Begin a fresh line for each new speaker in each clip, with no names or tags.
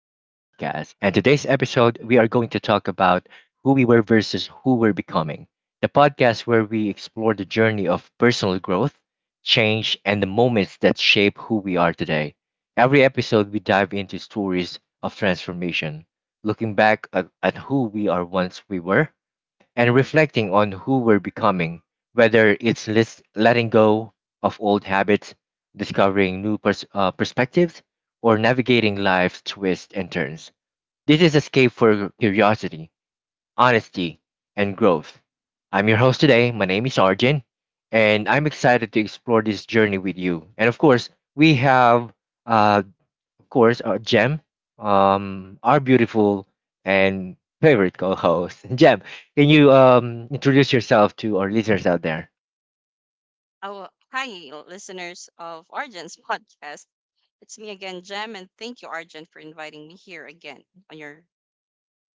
And today's episode, we are going to talk about who we were versus who we're becoming. The podcast where we explore the journey of personal growth, change, and the moments that shape who we are today. Every episode, we dive into stories of transformation, looking back at who we are once we were and reflecting on who we're becoming, whether it's letting go of old habits, discovering new perspectives, or navigating life's twists and turns. This is Escape for Curiosity, Honesty, and Growth. I'm your host today. My name is Arjun, and I'm excited to explore this journey with you. And of course, we have uh, course, Jem, our beautiful and favorite co-host. Jem, can you introduce yourself to our listeners out there?
Oh, hi, listeners of Argent's podcast. It's me again, Jem, and thank you, Argent, for inviting me here again on your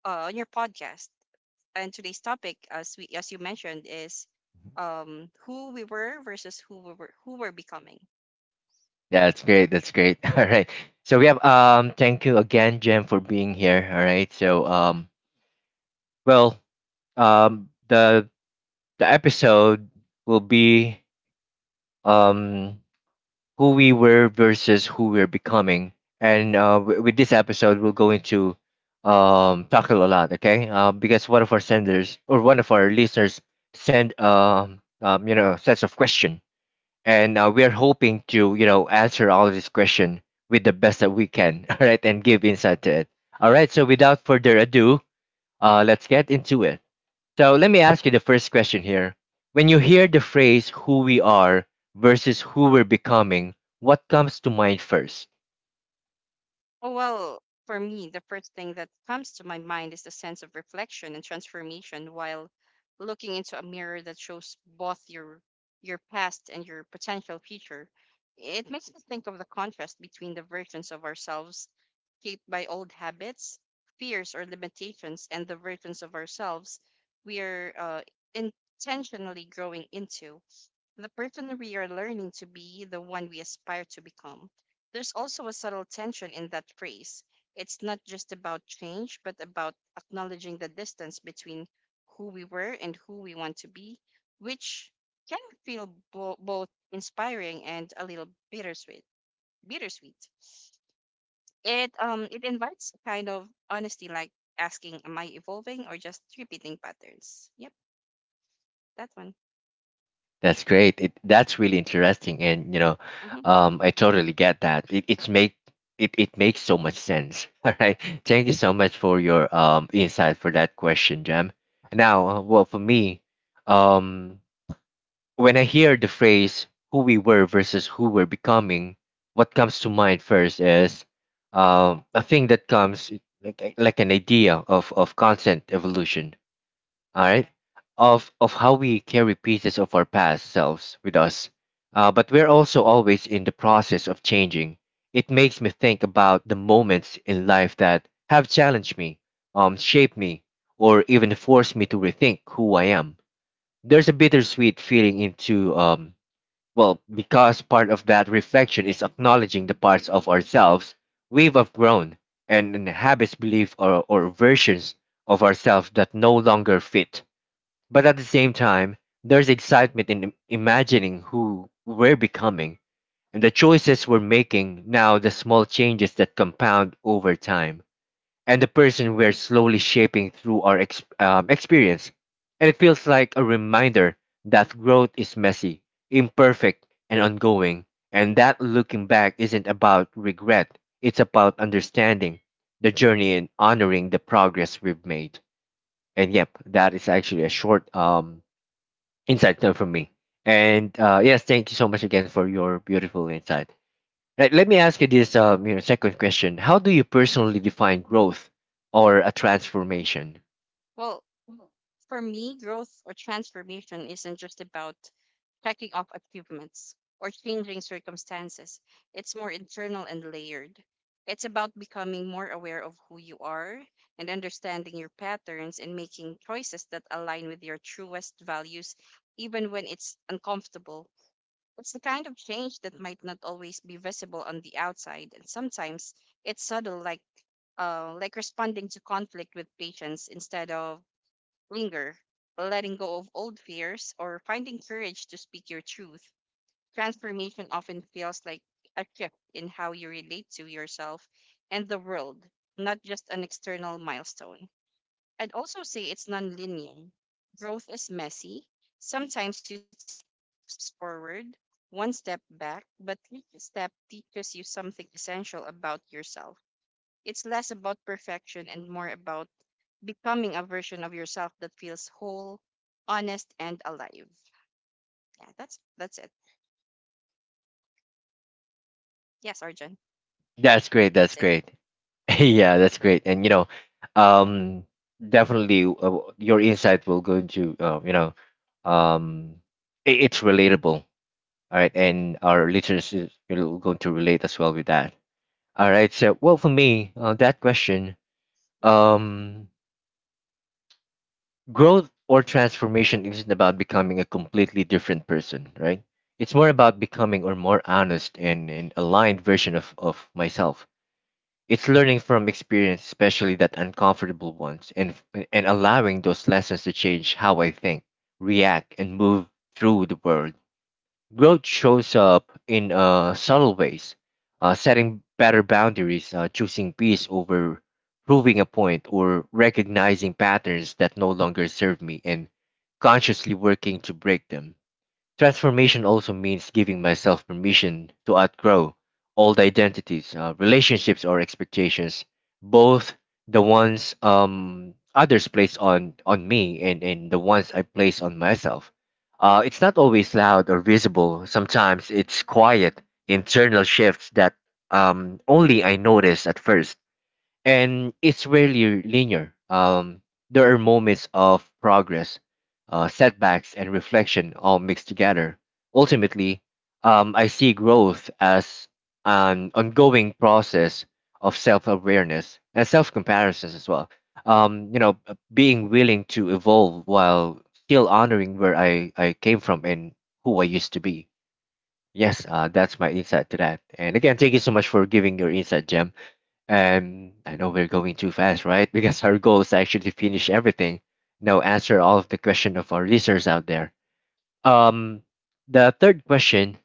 podcast. And today's topic, as we as you mentioned, is who we were versus who we're becoming.
Yeah, that's great. That's great. All right. So we have thank you again, Jem, for being here. All right. So well, um, the the episode will be, um who we were versus who we're becoming. And with this episode, we'll go into, tackle a lot, okay? Because one of our senders or one of our listeners sent, you know, sets of question, and we're hoping to, you know, answer all of these question with the best that we can, all right, and give insight to it. All right, so without further ado, let's get into it. So let me ask you the first question here. When you hear the phrase who we are versus who we're becoming, what comes to mind first?
Oh, well, for me, the first thing that comes to my mind is the sense of reflection and transformation while looking into a mirror that shows both your past and your potential future. It makes me think of the contrast between the versions of ourselves shaped by old habits, fears, or limitations, and the versions of ourselves we are intentionally growing into the person we are learning to be, the one we aspire to become. There's also a subtle tension in that phrase. It's not just about change, but about acknowledging the distance between who we were and who we want to be, which can feel both inspiring and a little bittersweet. Bittersweet. It invites a kind of honesty, like asking, "Am I evolving or just repeating patterns?" Yep, that one.
That's great. That's really interesting. And, you know,
hmm
I totally get that. It makes so much sense. All right. Thank you so much for your insight for that question, Jam. Now, well, for me, um, when I hear the phrase who we were versus who we're becoming, what comes to mind first is, a thing that comes like, like an idea of constant evolution, all right? Of how we carry pieces of our past selves with us. But we're also always in the process of changing. It makes me think about the moments in life that have challenged me, shaped me, or even forced me to rethink who I am. There's a bittersweet feeling into, because part of that reflection is acknowledging the parts of ourselves we've outgrown, and habits, beliefs, or versions of ourselves that no longer fit. But at the same time, there's excitement in imagining who we're becoming, and the choices we're making now, the small changes that compound over time and the person we're slowly shaping through our experience. And it feels like a reminder that growth is messy, imperfect, and ongoing, and that looking back isn't about regret, it's about understanding the journey and honoring the progress we've made. And yep, that is actually a short, insight, from me. And yes, thank you so much again for your beautiful insight. Right, let me ask you this, you know, second question. How do you personally define growth or a transformation?
well, for me, growth or transformation isn't just about checking off achievements or changing circumstances. It's more internal and layered. It's about becoming more aware of who you are and understanding your patterns and making choices that align with your truest values, even when it's uncomfortable. It's the kind of change that might not always be visible on the outside, and sometimes it's subtle, like like responding to conflict with patience instead of linger, letting go of old fears, or finding courage to speak your truth. Transformation often feels like a shift in how you relate to yourself and the world, not just an external milestone. I'd also say it's non-linear. Growth is messy. Sometimes you steps forward, one step back, but each step teaches you something essential about yourself. It's less about perfection and more about becoming a version of yourself that feels whole, honest, and alive. Yeah, that's it. Yes, Arjun, that's
That's
it.
great. That's great. Yeah, that's great. And you know, um, definitely, your insight will go into, you know, um, it's relatable. All right, and our listeners is, you know, going to relate as well with that. All right. So, well, for me, that question, um, growth or transformation isn't about becoming a completely different person, right? It's more about becoming a more honest and aligned version of myself. It's learning from experience, especially that uncomfortable ones, and allowing those lessons to change how I think, react, and move through the world. Growth shows up in subtle ways: setting better boundaries, choosing peace over proving a point, or recognizing patterns that no longer serve me and consciously working to break them. Transformation also means giving myself permission to outgrow old identities, relationships, or expectations, both the ones, others place on me, and the ones I place on myself. It's not always loud or visible, sometimes it's quiet, internal shifts that, only I notice at first, and it's rarely linear. There are moments of progress, setbacks, and reflection all mixed together. Ultimately, I see growth as an ongoing process of self-awareness and self-comparisons as well. You know, being willing to evolve while still honoring where I came from and who I used to be. Yes, that's my insight to that. And again, thank you so much for giving your insight, Jem. And I know we're going too fast, right? Because our goal is actually to finish everything. Now answer all of the question of our listeners out there. Um, the third question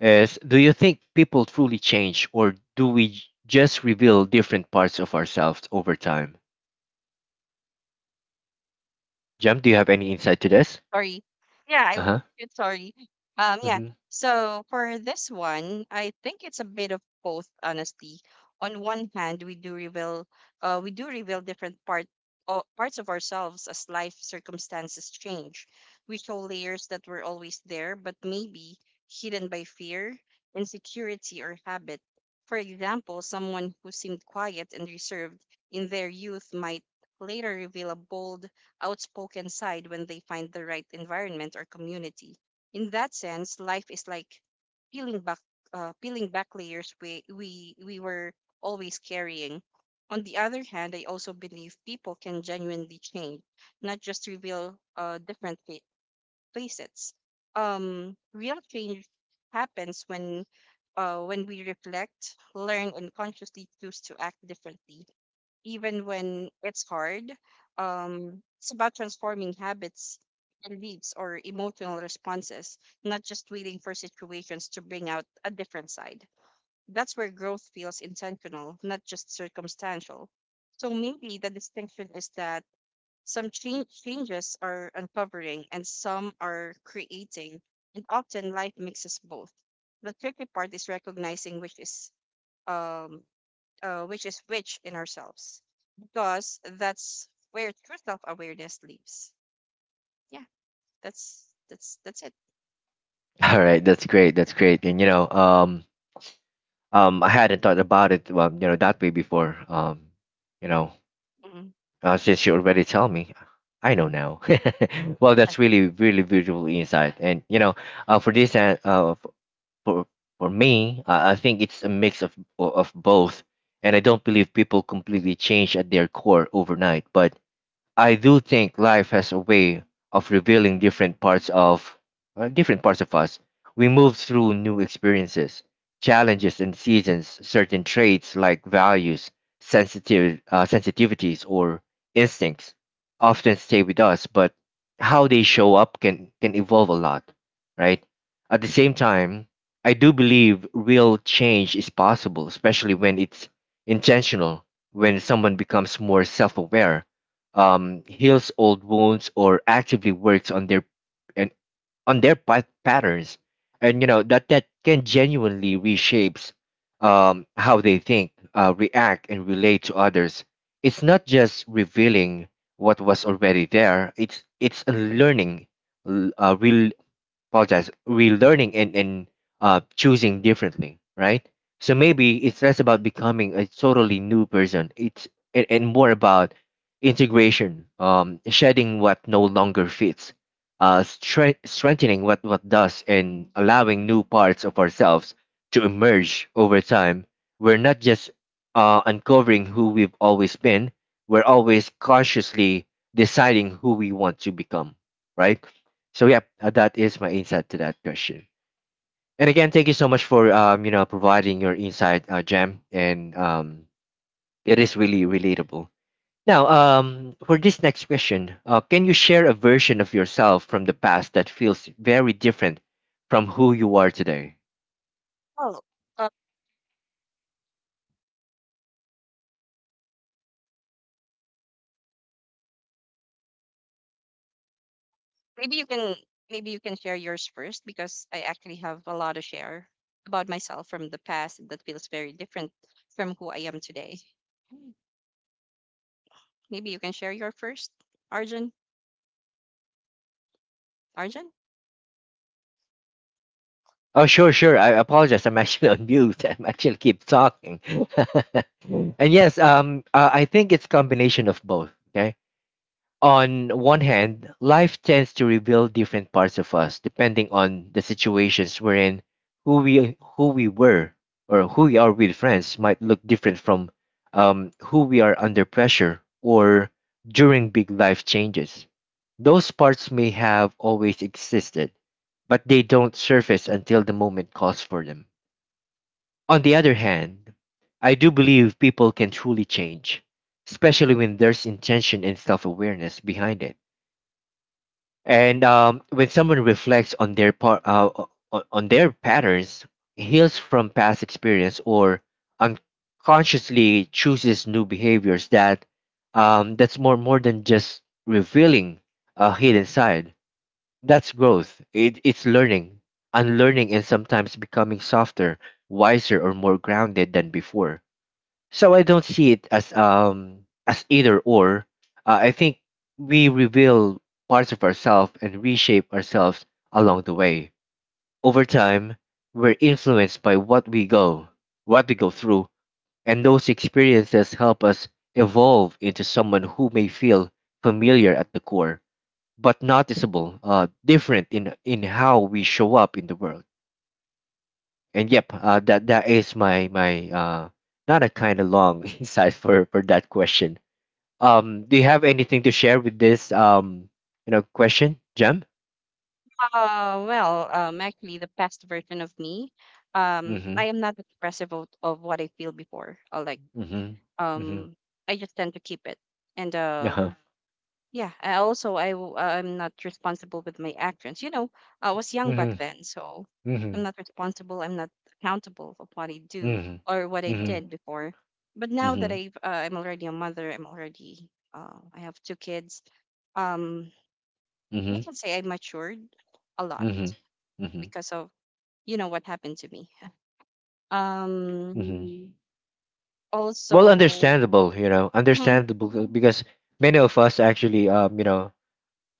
is: do you think people truly change, or do we just reveal different parts of ourselves over time? Jem, do you have any insight to this?
Sorry. Yeah, I
Uh
was
huh.
good, sorry. Yeah.
Mm-hmm.
So for this one, I think it's a bit of both, honestly. On one hand, we do reveal different parts of ourselves as life circumstances change. We show layers that were always there, but maybe hidden by fear, insecurity, or habit. For example, someone who seemed quiet and reserved in their youth might later reveal a bold outspoken side when they find the right environment or community. In that sense, life is like peeling back, peeling back layers we were always carrying. On the other hand, I also believe people can genuinely change, not just reveal different facets. Real change happens when we reflect, learn, and consciously choose to act differently even when it's hard. It's about transforming habits, beliefs, or emotional responses, not just waiting for situations to bring out a different side. That's where growth feels intentional, not just circumstantial. So maybe the distinction is that some changes are uncovering and some are creating, and often life mixes both. The tricky part is recognizing which is um, which is rich in ourselves, because that's where true self awareness lives. Yeah, that's it.
All right, that's great. That's great. And you know, I hadn't thought about it, well, you know, that way before. You know,
Mhm.
uh, since you already tell me, I know now. Well,
Yeah.
that's really, really beautiful insight. And you know, uh, for this, uh, uh, f- for for me, I think it's a mix of both. And I don't believe people completely change at their core overnight, but I do think life has a way of revealing different parts of, different parts of us. We move through new experiences, challenges, and seasons. Certain traits like values, sensitive sensitivities, or instincts often stay with us, but how they show up can evolve a lot, right? At the same time, I do believe real change is possible, especially when it's intentional, when someone becomes more self-aware, heals old wounds or actively works on their, and on their patterns, and you know that can genuinely reshapes, how they think, react and relate to others. It's not just revealing what was already there, it's unlearning, l- real apologize relearning, and choosing differently, right? So maybe it's less about becoming a totally new person, and more about integration, um, shedding what no longer fits, uh, strengthening what does, and allowing new parts of ourselves to emerge over time. We're not just, uh, uncovering who we've always been, we're always consciously deciding who we want to become, right? So yeah, that is my insight to that question. And again, thank you so much for, you know, providing your insight, Jam, and it is really relatable. Now, for this next question, can you share a version of yourself from the past that feels very different from who you are today?
Well, uh, maybe you can maybe you can share yours first because I actually have a lot to share about myself from the past that feels very different from who I am today. Mm. Maybe you can share your first, Arjun. Arjun?
Oh, sure, sure. I apologize. I'm actually on mute. I'm actually keep talking. And yes, I think it's combination of both. Okay. On one hand, life tends to reveal different parts of us depending on the situations we're in, who we were or who we are with friends might look different from, who we are under pressure or during big life changes. Those parts may have always existed, but they don't surface until the moment calls for them. On the other hand, I do believe people can truly change, especially when there's intention and self awareness behind it. And when someone reflects on their part, on their patterns, heals from past experience, or unconsciously chooses new behaviors, that, that's more than just revealing a hidden side. That's growth. It's learning, unlearning, and sometimes becoming softer, wiser, or more grounded than before. So I don't see it as, as either or. I think we reveal parts of ourselves and reshape ourselves along the way. Over time, we're influenced by what we go through, and those experiences help us evolve into someone who may feel familiar at the core, but noticeable, different in how we show up in the world. And yep, that is my my uh, not a kind of long, insight for that question. Um, do you have anything to share with this, you know, question, Jem?
Well, actually, the past version of me,
Mm-hmm.
I am not expressive of what I feel before. Like
Mm-hmm. Mm-hmm.
um I just tend to keep it. And
Uh-huh.
yeah, I also I'm not responsible with my actions. You know, I was young back
Mm-hmm.
then, so
Mm-hmm.
I'm not responsible. I'm not accountable of what I do or what
Mm-hmm.
I
Mm-hmm.
did before. But now that
Mm-hmm.
I'm already a mother, I have two kids. Um, I
Mm-hmm.
can say I matured a lot
Mm-hmm. Mm-hmm.
because of what happened to me. Um,
Mm-hmm. Well,
Also,
understandable, you know,
mhm,
understandable because many of us actually, you know,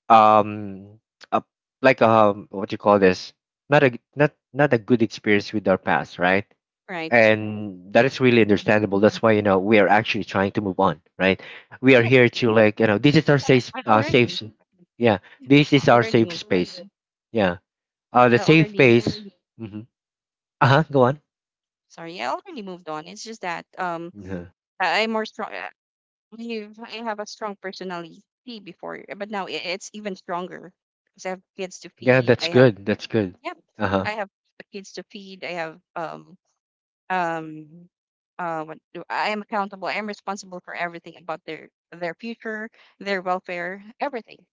um, uh, like what you call this? Not a not a good experience with our past, right?
right.
And that is really understandable. That's why, you know, we are actually trying to move on, right? We are here to, like, you know, this is our
I
safe
I
safe
already.
yeah,
Yeah,
this
I
is our
already
safe
moved
space.
on.
Yeah, the
I
safe
already,
space. Mm-hmm. Uh-huh, go on.
sorry, I already moved on. It's just that
Yeah.
I'm more strong. I have a strong personality before, but now I it's even stronger because I have kids to
Yeah,
feed. I
that's
have,
good, that's good.
yeah,
Uh-huh.
I have kids to feed. I have um I am accountable. I am responsible for everything about their future, their welfare, everything.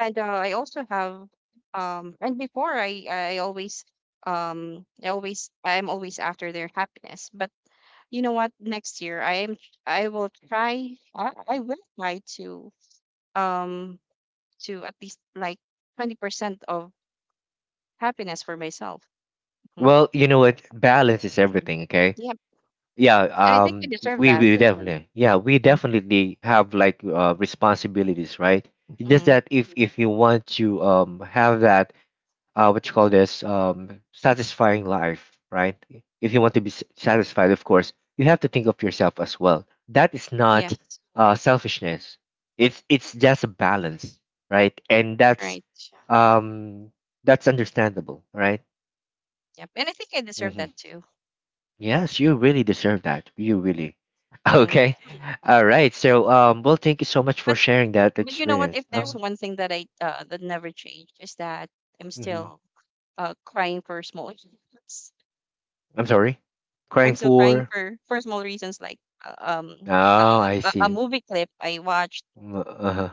And I also have and before I'm always after their happiness. But you know what? Next year I will try um to at least like 20% of happiness for myself. Mhm.
Well, you know what? Balance is
Mhm.
everything, okay?
Yeah.
Yeah.
And I think I deserve
We
that.
we definitely, yeah, we
Mm-hmm.
definitely have, like, responsibilities, right? It's just
Mm-hmm.
that if you want to have that what you call this, satisfying life, right? If you want to be satisfied, of course, you have to think of yourself as well. That is not
Yes.
selfishness. It's just a balance, right? And
Right.
um, that's understandable, right?
Yep. And I think I deserve
Hmm.
that too.
Yes, you really deserve that. You really.
hmm
Okay. All right. So, well, thank you so much for
But
sharing that
but you know what?
experience.
If there's
Oh,
one thing that never changed is that I'm
mhm.
still crying for small reasons.
I'm sorry. Crying
I'm still crying
for.
for small reasons like
Oh,
a,
I
a, a
see.
movie clip I watched.
Uh-huh.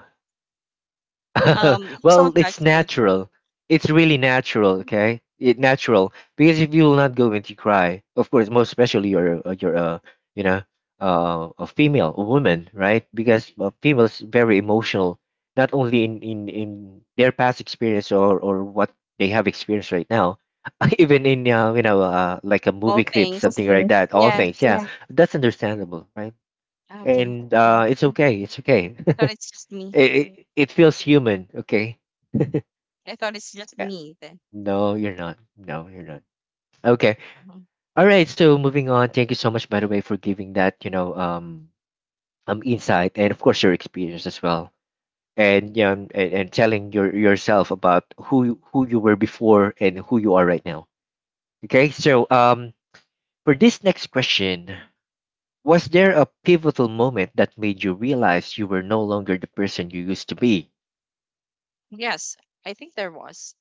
I'm so
Well, it's
touched with
natural. It's really natural, okay? It natural because if you will not go into cry, of course, most especially you're you know, a female, a woman, right? Because females very emotional, not only in their past experience or what they have experienced right now, even in, you know, like a movie
small
clip, of
things.
something like course. That. All
Yes.
things, yeah. Yeah, that's understandable, right?
Okay.
And yeah, it's
Mhm.
okay, it's okay.
I thought it's just me.
It feels human, okay?
I thought it's just
Yeah.
me then.
No, you're not. No, you're not. Okay.
Mhm.
All right. So moving on. Thank you so much, by the way, for giving that, you know, insight and of course your experience as well, and yeah, and telling yourself about who you were before and who you are right now. Okay. So, for this next question, was there a pivotal moment that made you realize you were no longer the person you used to be?
Yes, I think there was.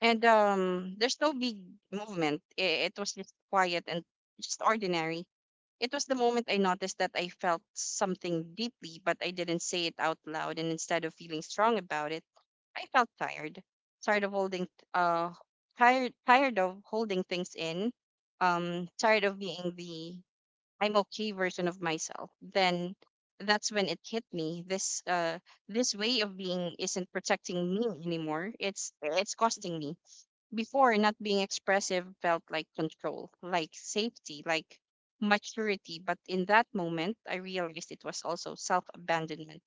And there's no big movement. I- It was just quiet and just ordinary. It was the moment I noticed that I felt something deeply, but I didn't say it out loud. And instead of feeling strong about it, I felt tired, tired of holding, uh, tired, tired of holding things in, tired of being the I'm okay version of myself. Then that's when it hit me. This way of being isn't protecting me anymore. It's costing me. Before, not being expressive felt like control, like safety, like maturity. But in that moment, I realized it was also self abandonment.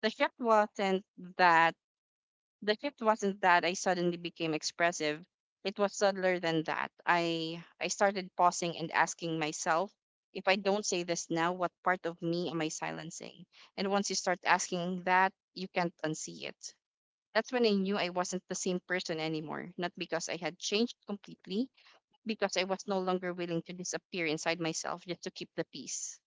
The shift wasn't that the shift wasn't that I suddenly became expressive. It was subtler than that. I started pausing and asking myself, if I don't say this now, what part of me am I silencing? And once you start asking that, you can't unsee it. That's when I knew I wasn't the same person anymore, not because I had changed completely, because I was no longer willing to disappear inside myself just to keep the peace.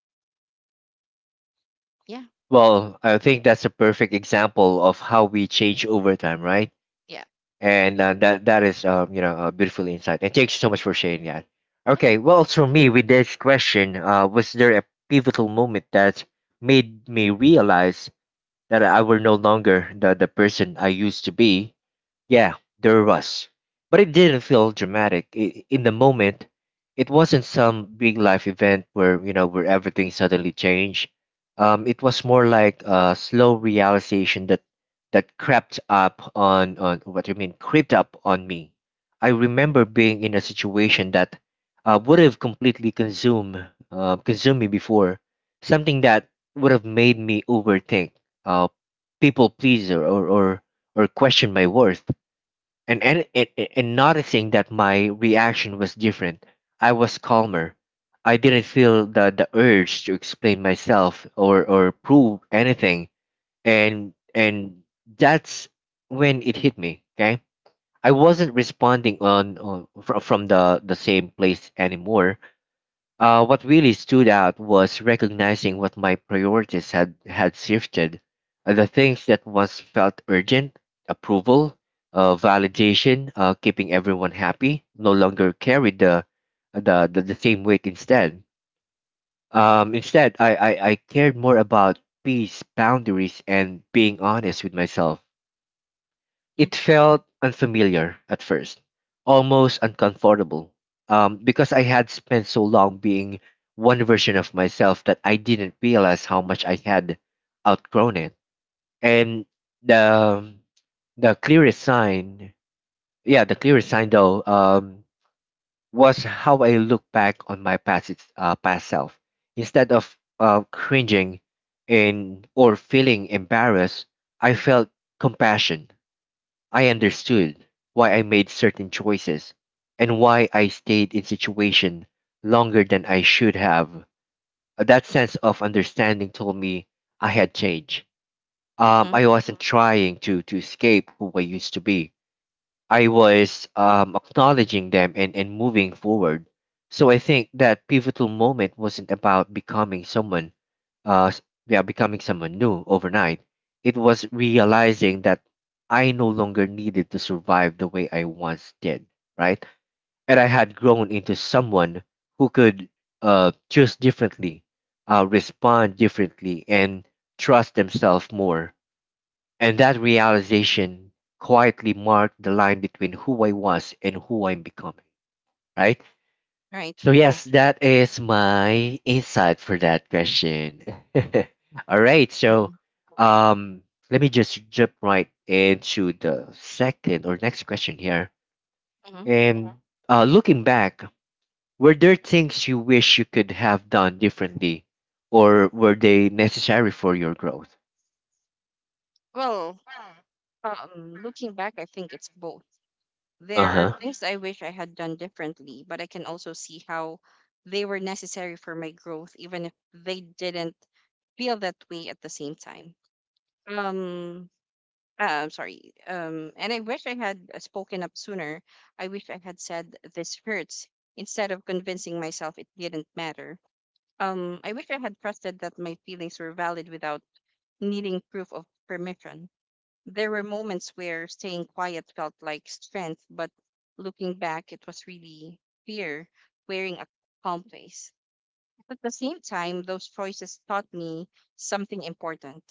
Yeah,
Well, I think that's a perfect example of how we change over time, right?
yeah,
And that that is, you know, a beautiful insight, and thank you so much for sharing that.
yeah.
Okay, well, for me, with this question, was there a pivotal moment that made me realize that I were no longer the person I used to be? Yeah, there was. But it didn't feel dramatic in the moment. It wasn't some big life event where, you know, where everything suddenly changed. It was more like a slow realization that crept up on what do you mean crept up on me. I remember being in a situation that would have completely consumed consumed me before, something that would have made me overthink, uh, people pleaser or question my worth, and, and, and, and noticing that my reaction was different. I was calmer. I didn't feel the urge to explain myself or prove anything. And That's when it hit me, okay? I wasn't responding on from the same place anymore. What really stood out was recognizing what my priorities had shifted. The things that once felt urgent, approval, validation, keeping everyone happy, no longer carried the same weight instead. Instead, I cared more about peace, boundaries, and being honest with myself. It felt unfamiliar at first, almost uncomfortable, because I had spent so long being one version of myself that I didn't realize how much I had outgrown it. And the the clearest sign, yeah, the clearest sign, though, was how I look back on my past self. Instead of cringing and or feeling embarrassed, I felt compassion. I understood why I made certain choices and why I stayed in situation longer than I should have. That sense of understanding told me I had changed.
Mm-hmm.
I wasn't trying to escape who I used to be. I was, acknowledging them and moving forward. So I think that pivotal moment wasn't about becoming someone, uh, s- yeah, becoming someone new overnight. It was realizing that I no longer needed to survive the way I once did, right? And I had grown into someone who could choose differently, respond differently, and trust themselves more, and that realization quietly marked the line between who I was and who I'm becoming, right?
Right,
So,
right.
yes, that is my insight for that question. All right, so,
hmm
um, let me just jump right into the second or next question here.
hmm
And looking back, were there things you wish you could have done differently, or were they necessary for your growth?
Well, looking back, I think it's both.
Uh
There are
huh.
things I wish I had done differently, but I can also see how they were necessary for my growth, even if they didn't feel that way at the same time. Um, Sorry. And I wish I had spoken up sooner. I wish I had said, "This hurts," instead of convincing myself it didn't matter. I wish I had trusted that my feelings were valid without needing proof of permission. There were moments where staying quiet felt like strength, but looking back, it was really fear wearing a calm face. At the same time, those choices taught me something important.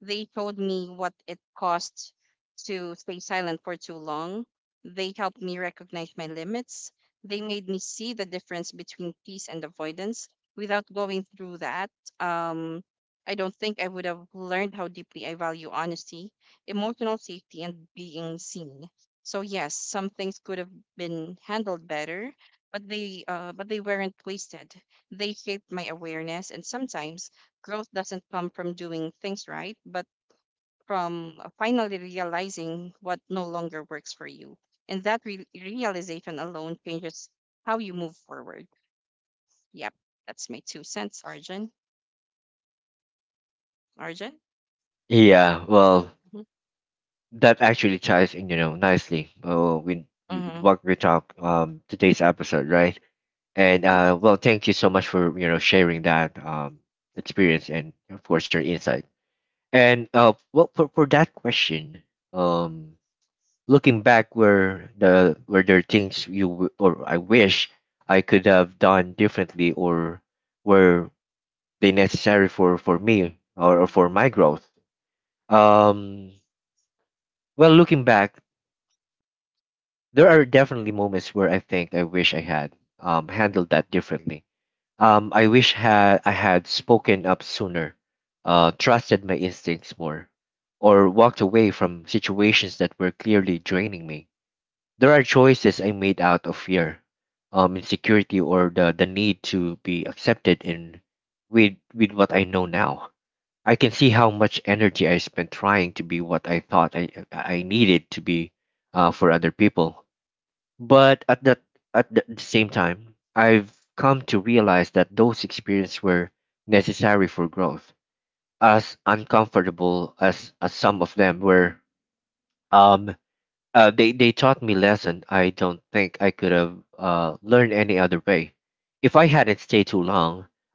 They showed me what it costs to stay silent for too long. They helped me recognize my limits. They made me see the difference between peace and avoidance. Without going through that, um, I don't think I would have learned how deeply I value honesty, emotional safety, and being seen. So yes, some things could have been handled better, but they weren't wasted. They shaped my awareness, and sometimes growth doesn't come from doing things right, but from finally realizing what no longer works for you. And that realization alone changes how you move forward. Yep, that's my two cents, Arjun. Arjun?
Yeah, well, that actually ties in, you know, nicely
Mm-hmm.
with
Mm-hmm.
what we talk, today's episode, right? And
I,
well, thank you so much for, you know, sharing that, experience and of course your insight. And well, for that question, um, looking back, where the were there things you or I wish I could have done differently, or were they necessary for me, or for my growth? Um, well, looking back. There are definitely moments where I think I wish I had, handled that differently. I wish had I had spoken up sooner, trusted my instincts more, or walked away from situations that were clearly draining me. There are choices I made out of fear, insecurity, or the need to be accepted in with what I know now. I can see how much energy I spent trying to be what I thought I needed to be, for other people, but at that at the same time, I've come to realize that those experiences were necessary for growth. As uncomfortable as some of them were, um, they taught me lesson I don't think I could have, learned any other way. If I hadn't stayed too long,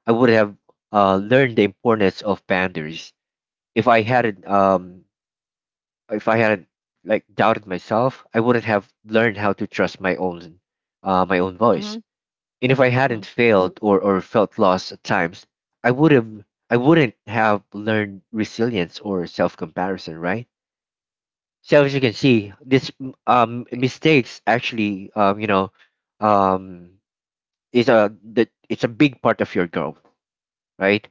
I would have, learned the importance of boundaries. If I hadn't, if I hadn't like doubted myself, I wouldn't have learned how to trust my own, my own
mm-hmm.
voice, and if I
Mm-hmm.
hadn't failed or felt lost at times, I would have I wouldn't have learned resilience or self comparison, right? So as you can see, this
Right.
mistakes actually, you know, um is a that it's a big part of your growth, right?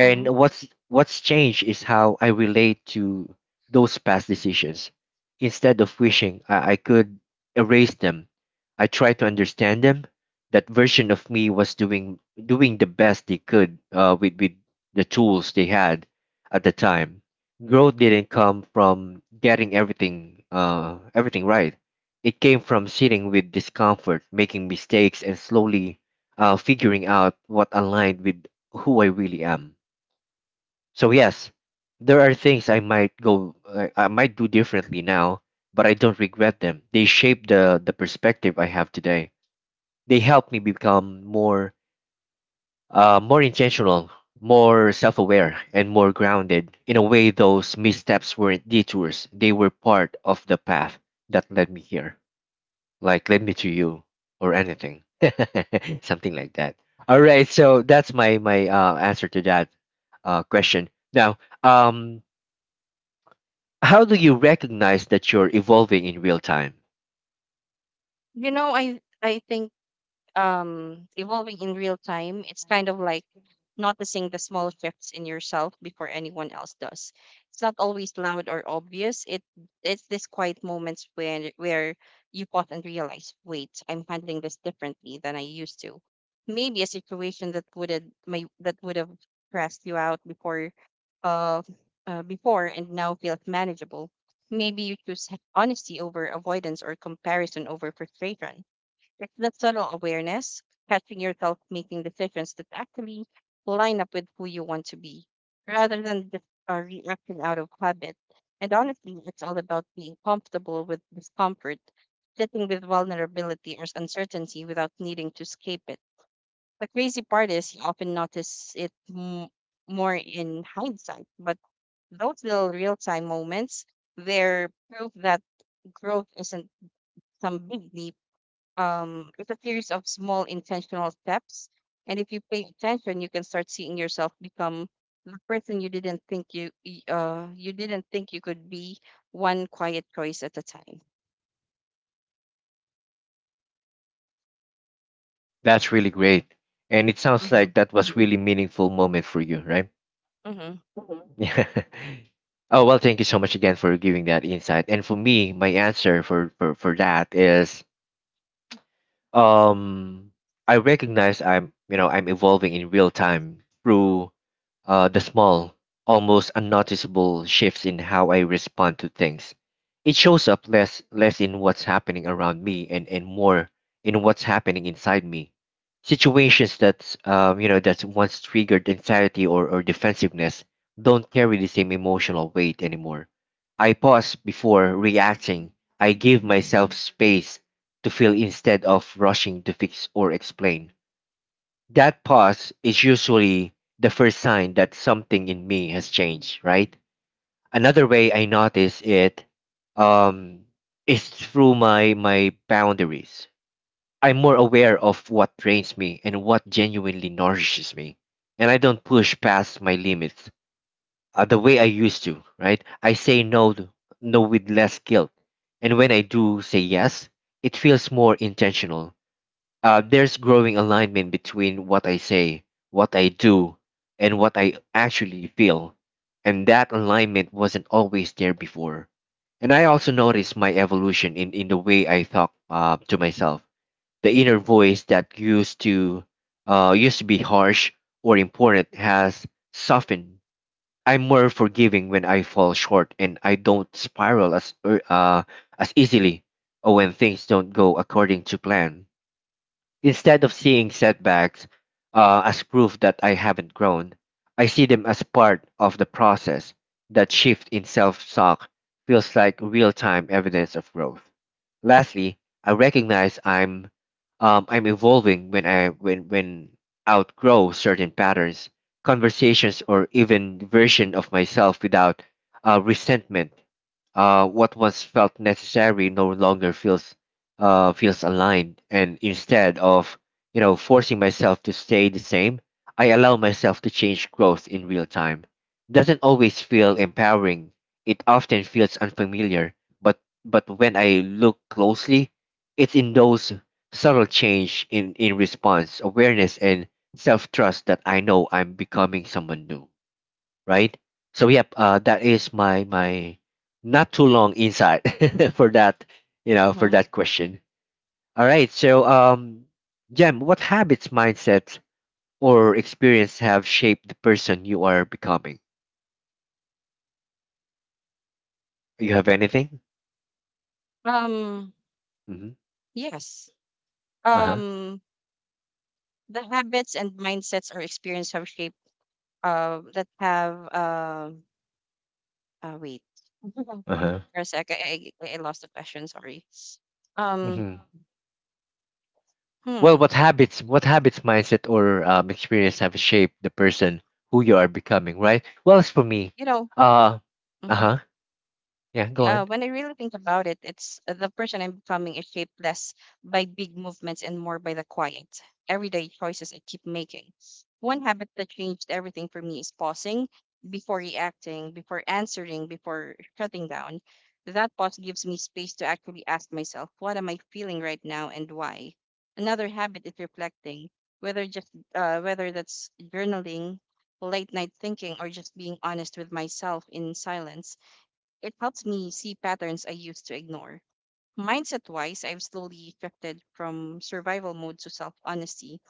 Mm-hmm.
what's changed is how I relate to those past decisions. Instead of wishing I could erase them, I try to understand them. That version of me was doing the best they could, with the tools they had at the time. Growth didn't come from getting everything, everything right. It came from sitting with discomfort, making mistakes, and slowly, figuring out what aligned with who I really am. So yes, there are things I might I might do differently now, but I don't regret them. They shape the perspective I have today. They help me become more, more intentional, more self-aware, and more grounded. In a way, those missteps weren't detours. They were part of the path that led me here, like let me to you or anything, something like that. All right, so that's my my answer to that question. Now, um how do you recognize that you're evolving in real time?
You know, I think evolving in real time it's kind of like noticing the small shifts in yourself before anyone else does. It's not always loud or obvious. It's these quiet moments when where you pause and realize, wait, I'm handling this differently than I used to. Maybe a situation that would have stressed you out uh, before and now feels manageable. Maybe you choose honesty over avoidance or comparison over frustration. It's that subtle awareness, catching yourself making decisions that actually line up with who you want to be, rather than just a reaction out of habit. And honestly, it's all about being comfortable with discomfort, sitting with vulnerability or uncertainty without needing to escape it. The crazy part is you often notice it more in hindsight, but those little real time moments, they're proof that growth isn't some big leap. It's a series of small intentional steps. And if you pay attention, you can start seeing yourself become the person you didn't think you y- you didn't think you could be one quiet choice at a time.
That's really great, and it sounds
Mm-hmm.
like that was really meaningful moment for you, right?
Mm-hmm.
Yeah. Oh, well, thank you so much again for giving that insight. And for me, my answer for for that is, um I recognize I'm, you know, I'm evolving in real time through the small, almost unnoticeable shifts in how I respond to things. It shows up less in what's happening around me and more in what's happening inside me. Situations that, you know, that's once triggered anxiety or defensiveness don't carry the same emotional weight anymore. I pause before reacting. I give myself space to feel instead of rushing to fix or explain. That pause is usually the first sign that something in me has changed, right? Another way I notice it, um, is through my boundaries. I'm more aware of what drains me and what genuinely nourishes me. And I don't push past my limits, the way I used to, right? I say no, no with less guilt. And when I do say yes, it feels more intentional. There's growing alignment between what I say, what I do, and what I actually feel. And that alignment wasn't always there before. And I also noticed my evolution in the way I talk, to myself. The inner voice that used to, used to be harsh or important has softened. I'm more forgiving when I fall short, and I don't spiral as as easily or when things don't go according to plan. Instead of seeing setbacks, as proof that I haven't grown, I see them as part of the process. That shift in self talk feels like real time evidence of growth. Lastly, I recognize I'm evolving when I when outgrow certain patterns, conversations, or even version of myself without resentment. What once felt necessary no longer feels aligned. And instead of, forcing myself to stay the same, I allow myself to change growth in real time. Doesn't always feel empowering. It often feels unfamiliar, but but when I look closely, it's in those subtle change in response, awareness and self trust that I know I'm becoming someone new. Right? So yep, that is my not too long insight for that,
Mm-hmm.
for that question. All right. So, Jem, what habits, mindsets, or experience have shaped the person you are becoming? You have anything?
Um
Mm-hmm.
yes.
Uh huh.
Um the habits and mindsets or experience have shaped that have wait for
Uh huh.
a sec, I lost the question, sorry. um
Mm-hmm. Well,
hmm y-
what habits, mindset, or experience have shaped the person who you are becoming? Right. Well, as for me,
you know
uh, uh
mm-hmm.
huh. Yeah. Go on.
When I really think about it, it's the person I'm becoming is shaped less by big movements and more by the quiet, everyday choices I keep making. One habit that changed everything for me is pausing before reacting, before answering, before shutting down. That pause gives me space to actually ask myself, what am I feeling right now and why? Another habit is reflecting, whether just whether that's journaling, late night thinking, or just being honest with myself in silence. It helps me see patterns I used to ignore. Mindset wise, I've slowly shifted from survival mode to self honesty.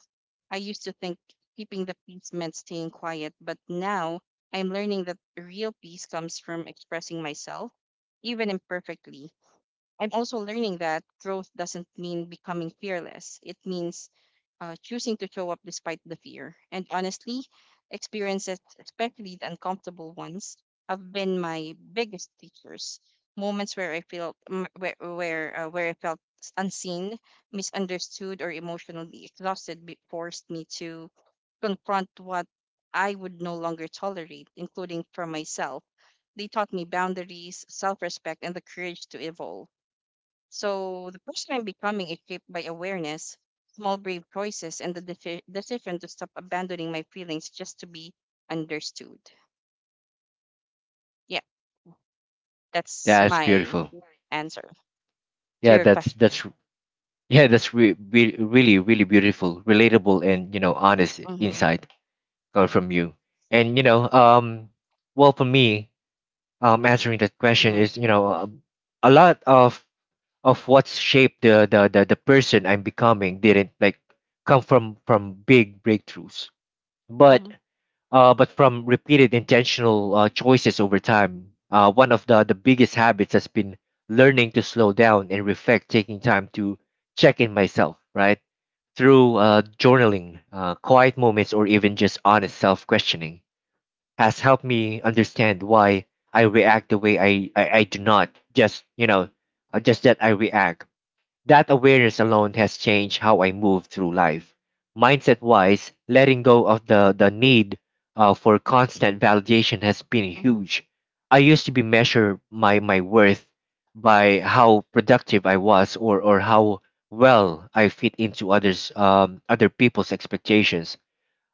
I used to think keeping the peace meant staying quiet, but now I'm learning that real peace comes from expressing myself, even imperfectly. I'm also learning that growth doesn't mean becoming fearless. It means choosing to show up despite the fear. And honestly, experiences, especially the uncomfortable ones, have been my biggest teachers. Moments where I felt m- where I felt unseen, misunderstood, or emotionally exhausted, forced me to confront what I would no longer tolerate, including from myself. They taught me boundaries, self-respect, and the courage to evolve, so the person I'm becoming is shaped by awareness, small brave choices, and the decision to stop abandoning my feelings just to be understood. Yeah,
Yeah,
that's
that's
my
beautiful.
answer to
Yeah.
your
That's
question.
that's yeah. That's really really beautiful, relatable, and you know honest
Mm-hmm,
insight. From you? And you know, well, for me, answering that question
mm-hmm,
is you know, a lot of what's shaped the person I'm becoming didn't like come from big breakthroughs, but
mm-hmm,
but from repeated intentional choices over time. One of the biggest habits has been learning to slow down and reflect, taking time to check in myself, right? Through journaling, quiet moments, or even just honest self questioning has helped me understand why I react the way I do not just just that I react. That awareness alone has changed how I move through life. Mindset wise, letting go of the need for constant validation has been
mm-hmm,
huge. I used to be measure my worth by how productive I was or how well I fit into others other people's expectations,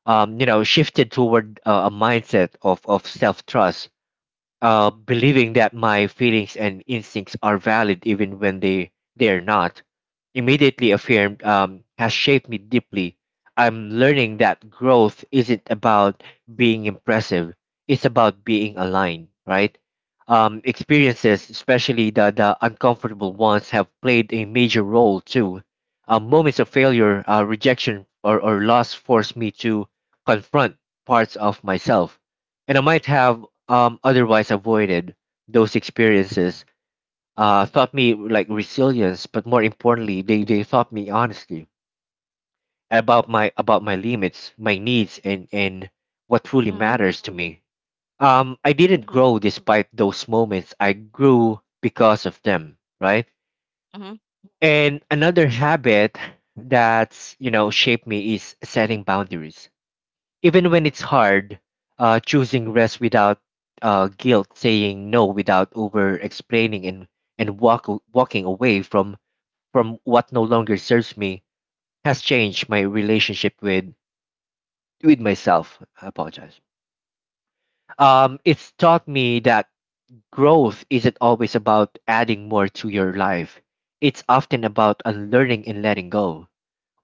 you know, shifted toward a mindset of self trust, believing that my feelings and instincts are valid even when they they're not immediately affirmed, has shaped me deeply. I'm learning that growth isn't about being impressive, it's about being aligned, right? Experiences, especially the uncomfortable ones, have played a major role too. Moments of failure, rejection, or loss force me to confront parts of myself and I might have otherwise avoided. Those experiences taught me like resilience, but more importantly, they taught me honesty about my limits, my needs, and what truly
mm-hmm,
matters to me. I didn't grow despite those moments. I grew because of them, right?
mm-hmm.
And another habit that's you know shaped me is setting boundaries. Even when it's hard, choosing rest without guilt, saying no without over explaining, and and walk, walking away from what no longer serves me has changed my relationship with myself. I apologize. It's taught me that growth isn't always about adding more to your life. It's often about unlearning and letting go.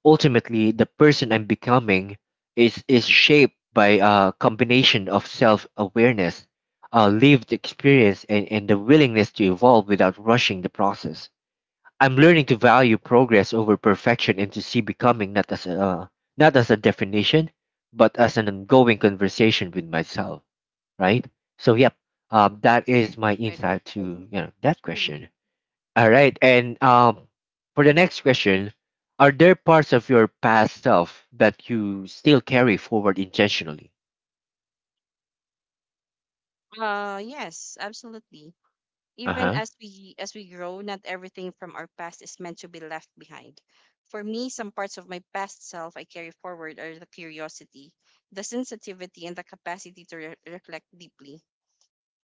Ultimately, the person I'm becoming is shaped by a combination of self-awareness, lived experience, and the willingness to evolve without rushing the process. I'm learning to value progress over perfection and to see becoming not as a definition, but as an ongoing conversation with myself. Right. So, yep. That is my
Right, right.
insight to you know that
Mm-hmm.
question. All right. And for the next question, are there parts of your past self that you still carry forward intentionally?
Yes, absolutely.
Uh
Even
huh.
as we grow, not everything from our past is meant to be left behind. For me, some parts of my past self I carry forward are the curiosity, the sensitivity, and the capacity to reflect deeply.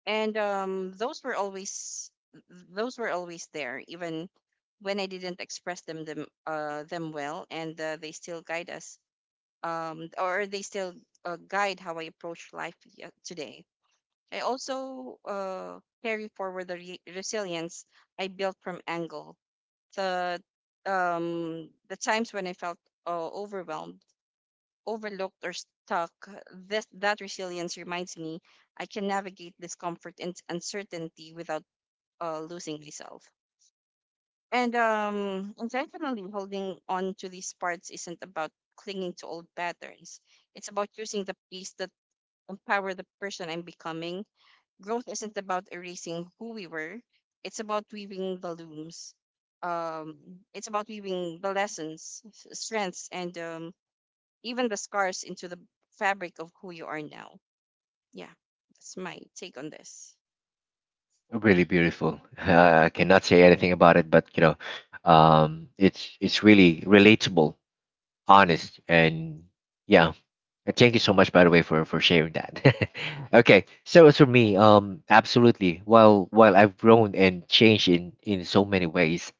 And Those were always there, even when I didn't express them well. And they still guide us or they still guide how I approach life today. I also carry forward the resilience I built from Angle. The the times when I felt overwhelmed, overlooked, or stuck, this that resilience reminds me I can navigate discomfort and uncertainty without losing myself. And Intentionally holding on to these parts isn't about clinging to old patterns. It's about choosing the piece that empower the person I'm becoming. Growth isn't about erasing who we were. it's about weaving the looms um, it's about weaving the lessons, strengths, and even the scars into the fabric of who you are now. Yeah, that's my take on this.
Really beautiful. I cannot say anything about it, but you know, it's really relatable, honest, and yeah. And thank you so much, by the way, for sharing that. Okay, so as for me, absolutely. While I've grown and changed in so many ways,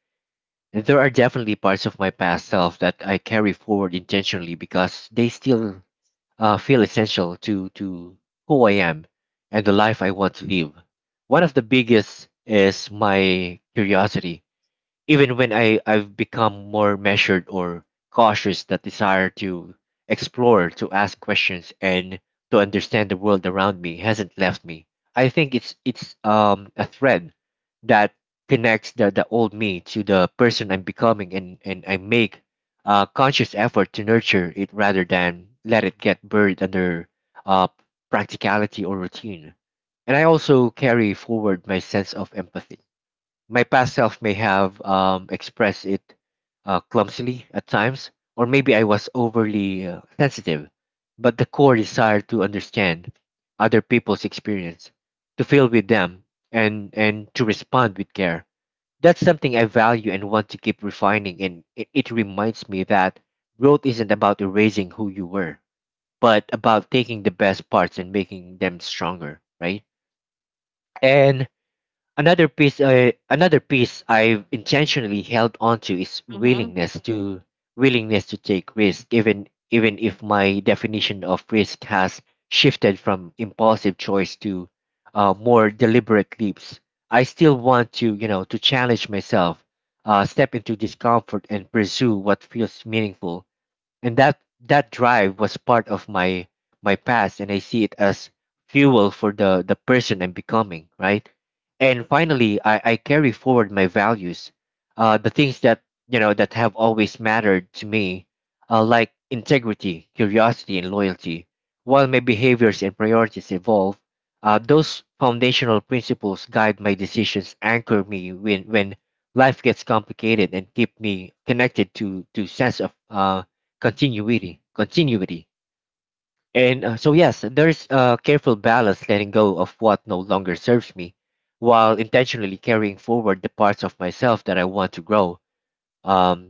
there are definitely parts of my past self that I carry forward intentionally because they still feel essential to who I am and the life I want to live. One of the biggest is my curiosity. Even when I've become more measured or cautious, that desire to explore, to ask questions, and to understand the world around me hasn't left me. I think it's a thread that connects the old me to the person I'm becoming, and I make a conscious effort to nurture it rather than let it get buried under uh, practicality or routine. And I also carry forward my sense of empathy. My past self may have expressed it clumsily at times, or maybe I was overly sensitive. But the core desire to understand other people's experience, to feel with them, and to respond with care, that's something I value and want to keep refining. And it reminds me that growth isn't about erasing who you were, but about taking the best parts and making them stronger, right? And another piece I've intentionally held onto is
Mm-hmm.
willingness to take risk, even even if my definition of risk has shifted from impulsive choice to more deliberate leaps. I still want to you know to challenge myself, step into discomfort and pursue what feels meaningful, and that that drive was part of my my past and I see it as fuel for the person I'm becoming, right? And finally I carry forward my values, the things that you know that have always mattered to me, like integrity, curiosity, and loyalty. While my behaviors and priorities evolve, those foundational principles guide my decisions, anchor me when life gets complicated, and keep me connected to sense of continuity. And so, yes, there's a careful balance letting go of what no longer serves me while intentionally carrying forward the parts of myself that I want to grow. Um,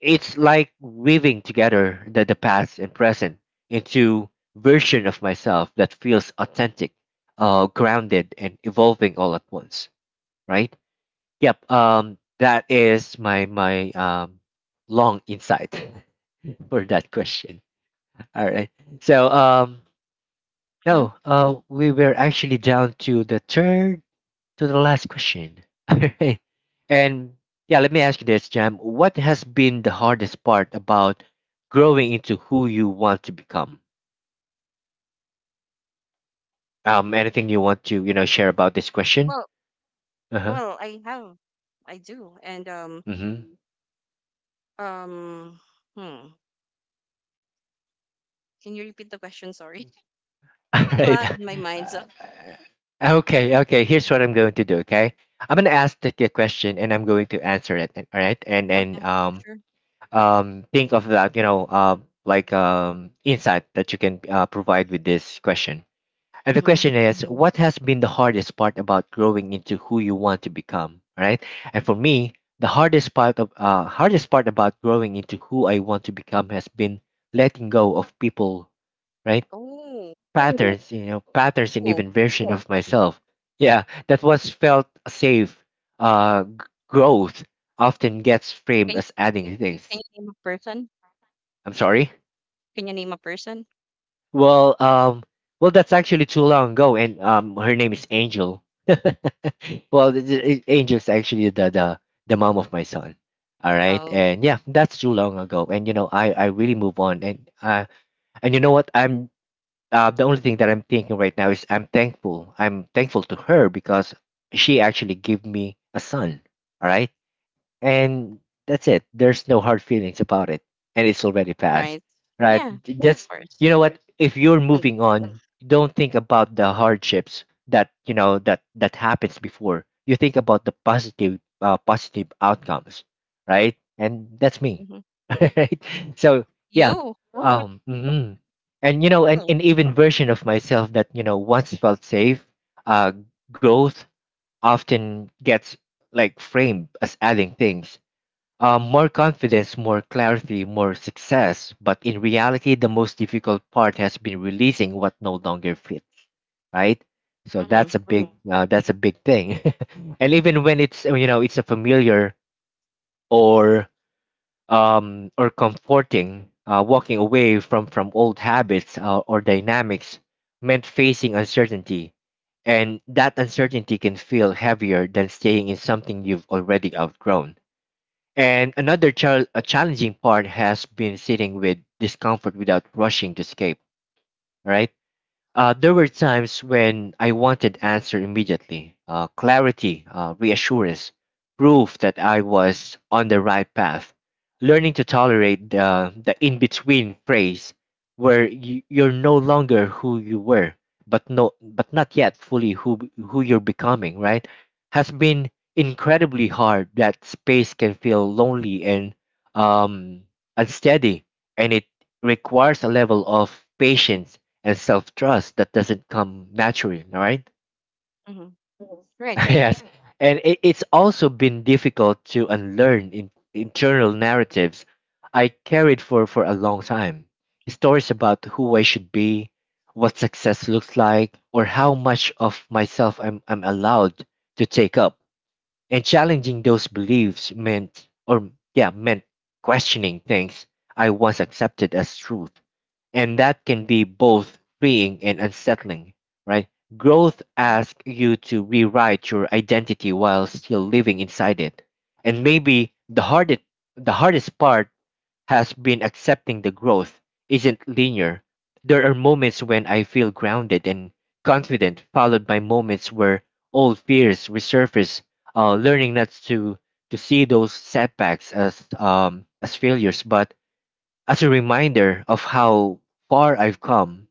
it's like weaving together the past and present into version of myself that feels authentic, grounded, and evolving all at once, right? Yep. That is my long insight for that question. All right. So,
Hmm.
no, we were actually down to the third to the last question. All right. And yeah, let me ask you this, Jam. What has been the hardest part about growing into who you want to become? Anything you want to, you know, share about this question?
Well well
Uh-huh.
I have, I do. And
Mm-hmm.
um hmm Can you repeat the question? Sorry.
All
I'm a
right.
lot in my mind so.
Okay, okay. Here's what I'm going to do, okay? I'm gonna ask the question and I'm going to answer it, all right? And
Okay. Sure.
think of that, you know, like insight that you can provide with this question. And the
Mm-hmm.
question is, what has been the hardest part about growing into who you want to become, right? And for me, the hardest part of hardest part about growing into who I want to become has been letting go of people, right?
Oh.
Patterns, you know, patterns and
Cool.
even version of myself. Yeah, that was felt safe. Uh, g- Growth often gets
can
framed
you
as adding things.
can you name a person?
I'm sorry.
Can you name a person?
Well, well, that's actually too long ago, and her name is Angel. Well, Angel's actually the mom of my son. All right,
Oh,
and yeah, that's too long ago, and you know, I really move on, and you know what, I'm the only thing that I'm thinking right now is I'm thankful. I'm thankful to her because she actually gave me a son. All right, and that's it. There's no hard feelings about it, and it's already past,
right.
right?
Yeah, of
Just
course.
you know what? If you're
And
moving on, don't think about the hardships that you know that that happens before. You think about the positive positive outcomes, right? And that's me,
hmm
right? So yeah,
you.
mhm. And you know, and an even version of myself that you know once felt safe, uh, growth often gets like framed as adding things, more confidence, more clarity, more success. But in reality, the most difficult part has been releasing what no longer fits, right? So
Mm-hmm.
that's a big, mhm, that's a big thing. And even when it's you know it's a familiar or or comforting, walking away from old habits or dynamics meant facing uncertainty, and that uncertainty can feel heavier than staying in something you've already outgrown. And a challenging part has been sitting with discomfort without rushing to escape, right? There were times when I wanted answer immediately, clarity, reassurance, proof that I was on the right path. Learning to tolerate the in between phase where you're no longer who you were, but not yet fully who you're becoming, right? Has been incredibly hard. That space can feel lonely and um, unsteady, and it requires a level of patience and self trust that doesn't come naturally, right?
Hmm. Right, right.
Yes. And it's also been difficult to unlearn internal narratives I carried for a long time. Stories about who I should be, what success looks like, or how much of myself I'm allowed to take up. And challenging those beliefs meant questioning things I once accepted as truth, and that can be both freeing and unsettling, right? Growth
Mm-hmm.
asks you to rewrite your identity while still living inside it. And maybe the hardest part has been accepting the growth isn't linear. There are moments when I feel grounded and confident, followed by moments where old fears resurface. Learning not to see those setbacks as as failures, but as a reminder of how far I've come.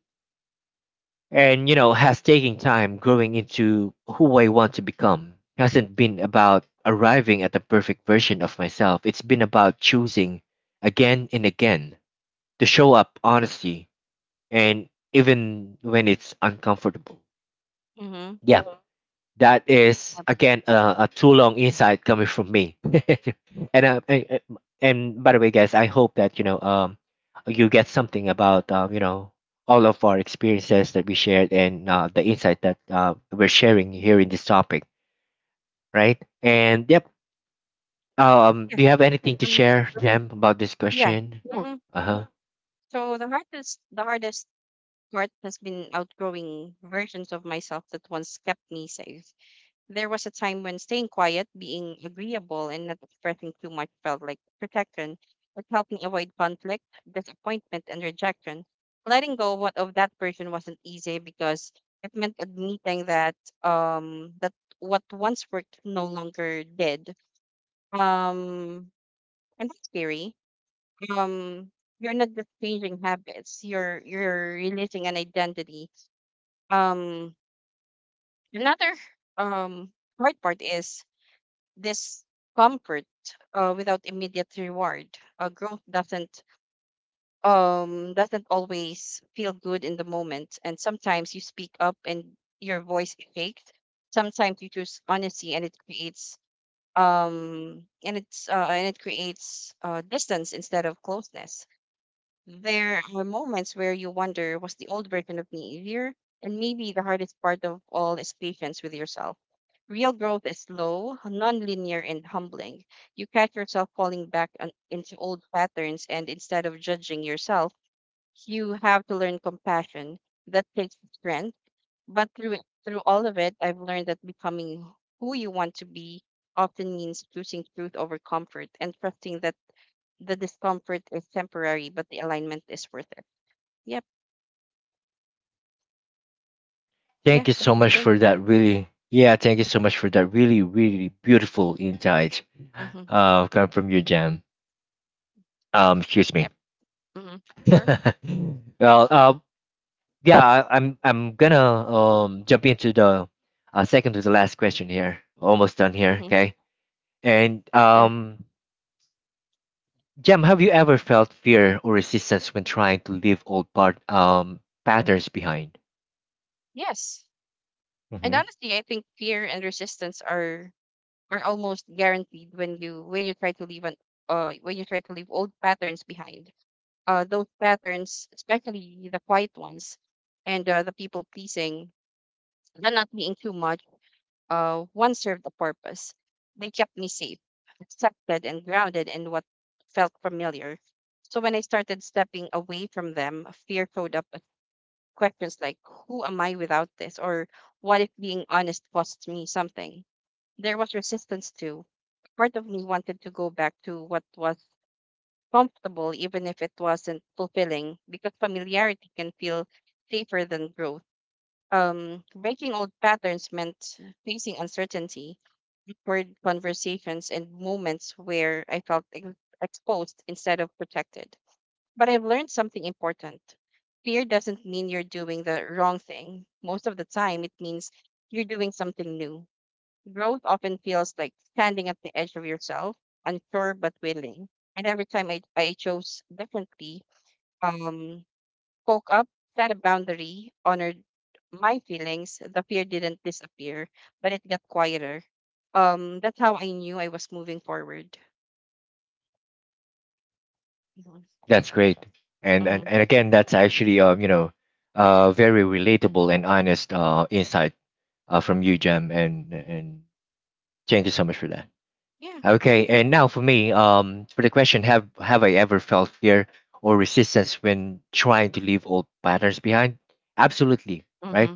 And has taking time growing into who I want to become hasn't been about arriving at the perfect version of myself. It's been about choosing again and again to show up honestly and even when it's uncomfortable.
Mm-hmm.
Yeah. That is again, a too long insight coming from me. And by the way, guys, I hope that you get something about all of our experiences that we shared, and the insight that we're sharing here in this topic, right? And yep.
Yeah,
Do you have anything to
for me.
share, Jem, about this
Yeah.
question?
Mm-hmm.
Uh huh.
So the hardest part has been outgrowing versions of myself that once kept me safe. There was a time when staying quiet, being agreeable, and not expressing too much felt like protection. It helped me avoid conflict, disappointment, and rejection. Letting go what of that person wasn't easy because it meant admitting that what once worked no longer did. Um and that's scary. Um you're not just changing habits, you're releasing an identity. Um another um hard part is this comfort without immediate reward. Growth doesn't always feel good in the moment, and sometimes you speak up and your voice shakes. Sometimes you choose honesty, and it creates and it's and it creates distance instead of closeness. There are moments where you wonder, was the old version of me easier? And maybe the hardest part of all is patience with yourself. Real growth is slow, nonlinear, and humbling. You catch yourself falling back on, into old patterns, and instead of judging yourself, you have to learn compassion. That takes strength. But through all of it, I've learned that becoming who you want to be often means choosing truth over comfort and trusting that the discomfort is temporary, but the alignment is worth it. Yep. Yeah,
Thank you
that's
so
my
much
take.
for that. Really, yeah. Thank you so much for that. Really, really beautiful insight.
Mm-hmm.
Come from you, Jem. Excuse me.
Yep. Mm-hmm. Sure.
Well, I'm gonna jump into the second to the last question here. Almost done here,
Mm-hmm.
okay? And
Yeah.
Jem, have you ever felt fear or resistance when trying to leave old part patterns behind?
Yes. And
Hmm.
honestly, I think fear and resistance are almost guaranteed when you try to leave old patterns behind. Those patterns, especially the quiet ones, and the people pleasing, the not being too much, one served a purpose. They kept me safe, accepted, and grounded in what felt familiar. So when I started stepping away from them, fear showed up with questions like, who am I without this? Or what if being honest costs me something? There was resistance too. Part of me wanted to go back to what was comfortable, even if it wasn't fulfilling, because familiarity can feel safer than growth. Breaking old patterns meant facing uncertainty, awkward conversations, and moments where I felt exposed instead of protected. But I've learned something important. Fear doesn't mean you're doing the wrong thing. Most of the time, it means you're doing something new. Growth often feels like standing at the edge of yourself, unsure but willing. And every time I chose differently, um, spoke up, set a boundary, honored my feelings, the fear didn't disappear, but it got quieter. That's how I knew I was moving forward.
That's great, and and
Mm-hmm.
and again, that's actually very relatable and honest insight from you, Jem, and thank you so much for that.
Yeah.
Okay, and now for me, for the question, have I ever felt fear or resistance when trying to leave old patterns behind? Absolutely, right?
Mm-hmm.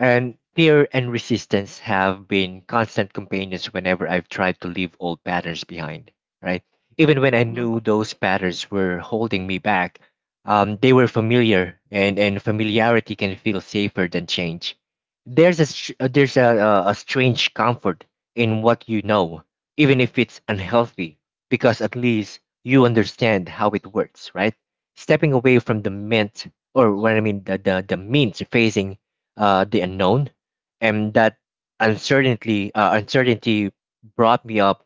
And fear and resistance have been constant companions whenever I've tried to leave old patterns behind, right? Even when I
Mm-hmm.
knew those patterns were holding me back, they were familiar, and familiarity can feel safer than change. There's a strange comfort in what you know, even if it's unhealthy, because at least you understand how it works, right? Stepping away from the mint, or what I mean, the mint, facing the unknown, and that uncertainty brought me up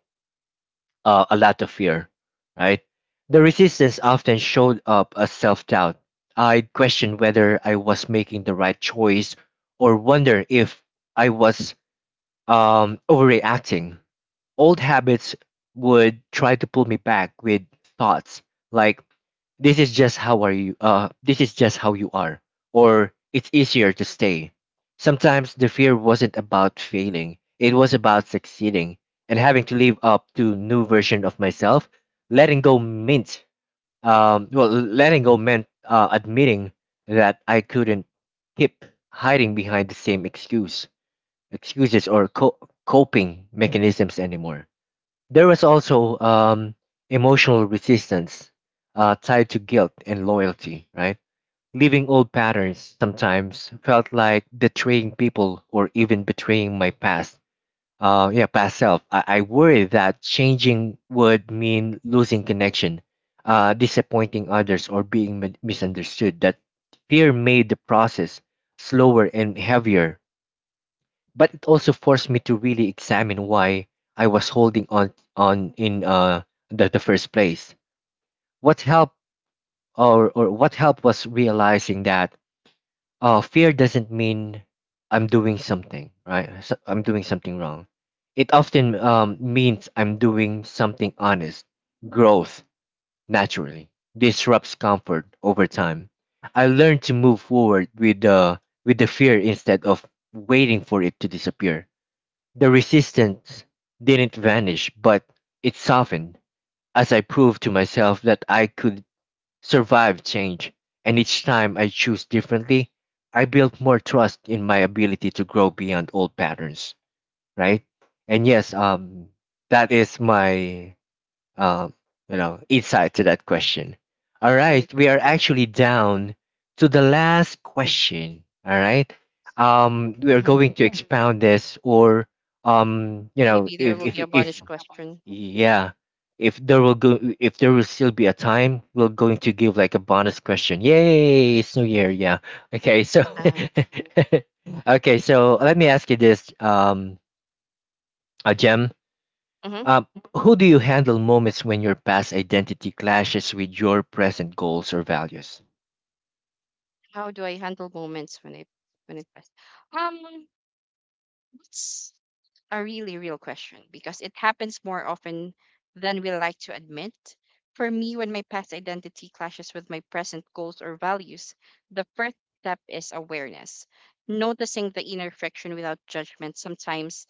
a lot of fear. Right, the resistance often showed up as self doubt. I questioned whether I was making the right choice, or wonder if I was overreacting. Old habits would try to pull me back with thoughts like this is just how you are, or it's easier to stay. Sometimes the fear wasn't about failing. It was about succeeding and having to live up to new version of myself. Letting go meant well letting go meant, admitting that I couldn't keep hiding behind the same excuses or coping mechanisms anymore. There was also emotional resistance tied to guilt and loyalty, right? Leaving old patterns sometimes felt like betraying people or even betraying my past. Yeah, past self. I worry that changing would mean losing connection, disappointing others, or being misunderstood. That fear made the process slower and heavier, but it also forced me to really examine why I was holding on in the first place. What helped or what helped was realizing that fear doesn't mean I'm doing something right. So I'm doing something wrong. It often means I'm doing something honest. Growth naturally disrupts comfort over time. I learned to move forward with the fear instead of waiting for it to disappear. The resistance didn't vanish, but it softened as I proved to myself that I could survive change. And each time I choose differently, I built more trust in my ability to grow beyond old patterns, right? And yes, that is my um, insight to that question. All
Right.
right, we are actually down to the last question. All right, we are
Mm-hmm.
going to expound this, or you know,
Maybe there will be a
if
bonus question.
yeah, if there will still be a time, we're going to give like a bonus question. Yay! It's New Year. Yeah. Okay. So
Uh,
okay. So let me ask you this, a
mm-hmm.
uh, how do you handle moments when your past identity clashes with your present goals or values?
How do I handle moments when I when it pass? Um, it's a really real question because it happens more often than we like to admit. For me, when my past identity clashes with my present goals or values, the first step is awareness. Noticing the inner friction without judgment.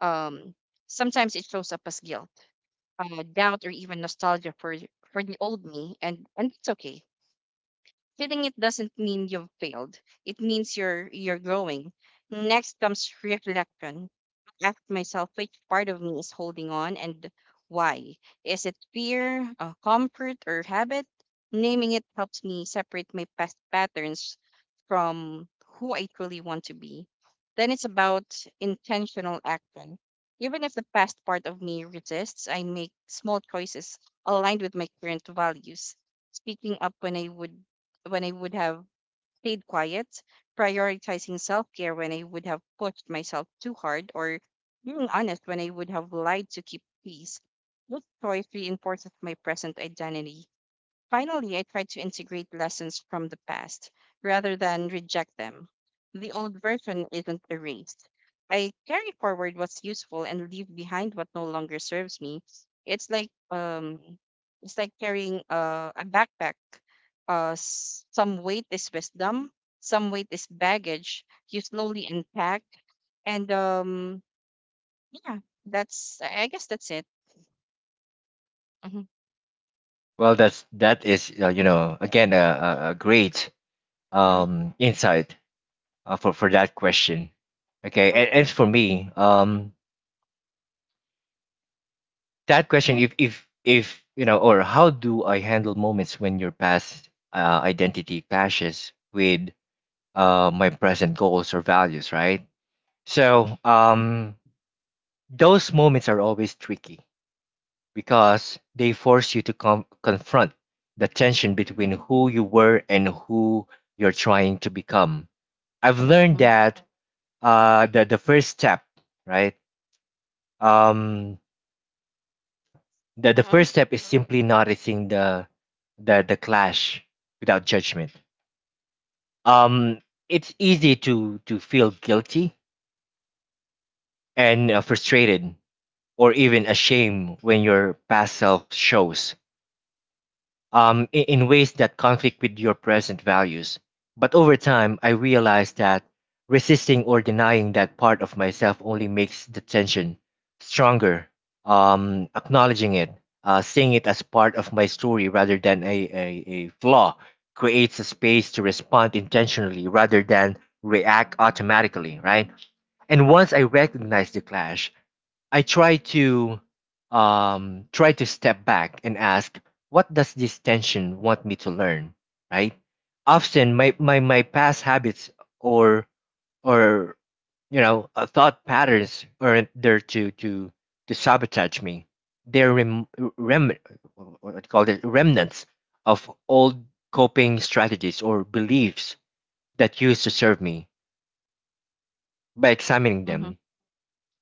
um Sometimes it shows up as guilt, doubt, or even nostalgia for the old me, and it's okay. Feeling it doesn't mean you've failed. It means you're growing. Next comes reflection. Ask myself which part of me is holding on and why. Is it fear, comfort, or habit? Naming it helps me separate my past patterns from who I truly want to be. Then it's about intentional action. Even if the past part of me resists, I make small choices aligned with my current values, speaking up when I would have stayed quiet, prioritizing self care when I would have pushed myself too hard, or being honest when I would have lied to keep peace. This choice reinforces my present identity. Finally, I try to integrate lessons from the past rather than reject them. The old version isn't erased. I carry forward what's useful and leave behind what no longer serves me. It's like carrying a backpack. Some weight is wisdom, some weight is baggage. You slowly unpack, and yeah, that's, I guess that's it. Mm-hmm,
Well, that's that is again a great
mm-hmm,
insight for that question. Okay,
mm-hmm,
and for me, that
yeah.
question if or how do I handle moments when your past identity clashes with my present goals or values, right?
Mm-hmm,
So those moments are always tricky because they force you to confront the tension between who you were and who you're trying to become. I've learned
mm-hmm,
that the first step, right? Um, the
mm-hmm, mm-hmm,
first step is simply noticing the clash without judgment. Um, it's easy to feel guilty and frustrated or even ashamed when your past self shows in ways that conflict with your present values. But over time, I realized that resisting or denying that part of myself only makes the tension stronger. Acknowledging it, seeing it as part of my story rather than a flaw, creates a space to respond intentionally rather than react automatically, right? And once I recognized the clash, I try to step back and ask, what does this tension want me to learn? Right? Often my past habits or or thought patterns aren't there to sabotage me. They're rem, rem what called it remnants of old coping strategies or beliefs that used to serve me. By examining
mm-hmm.
them,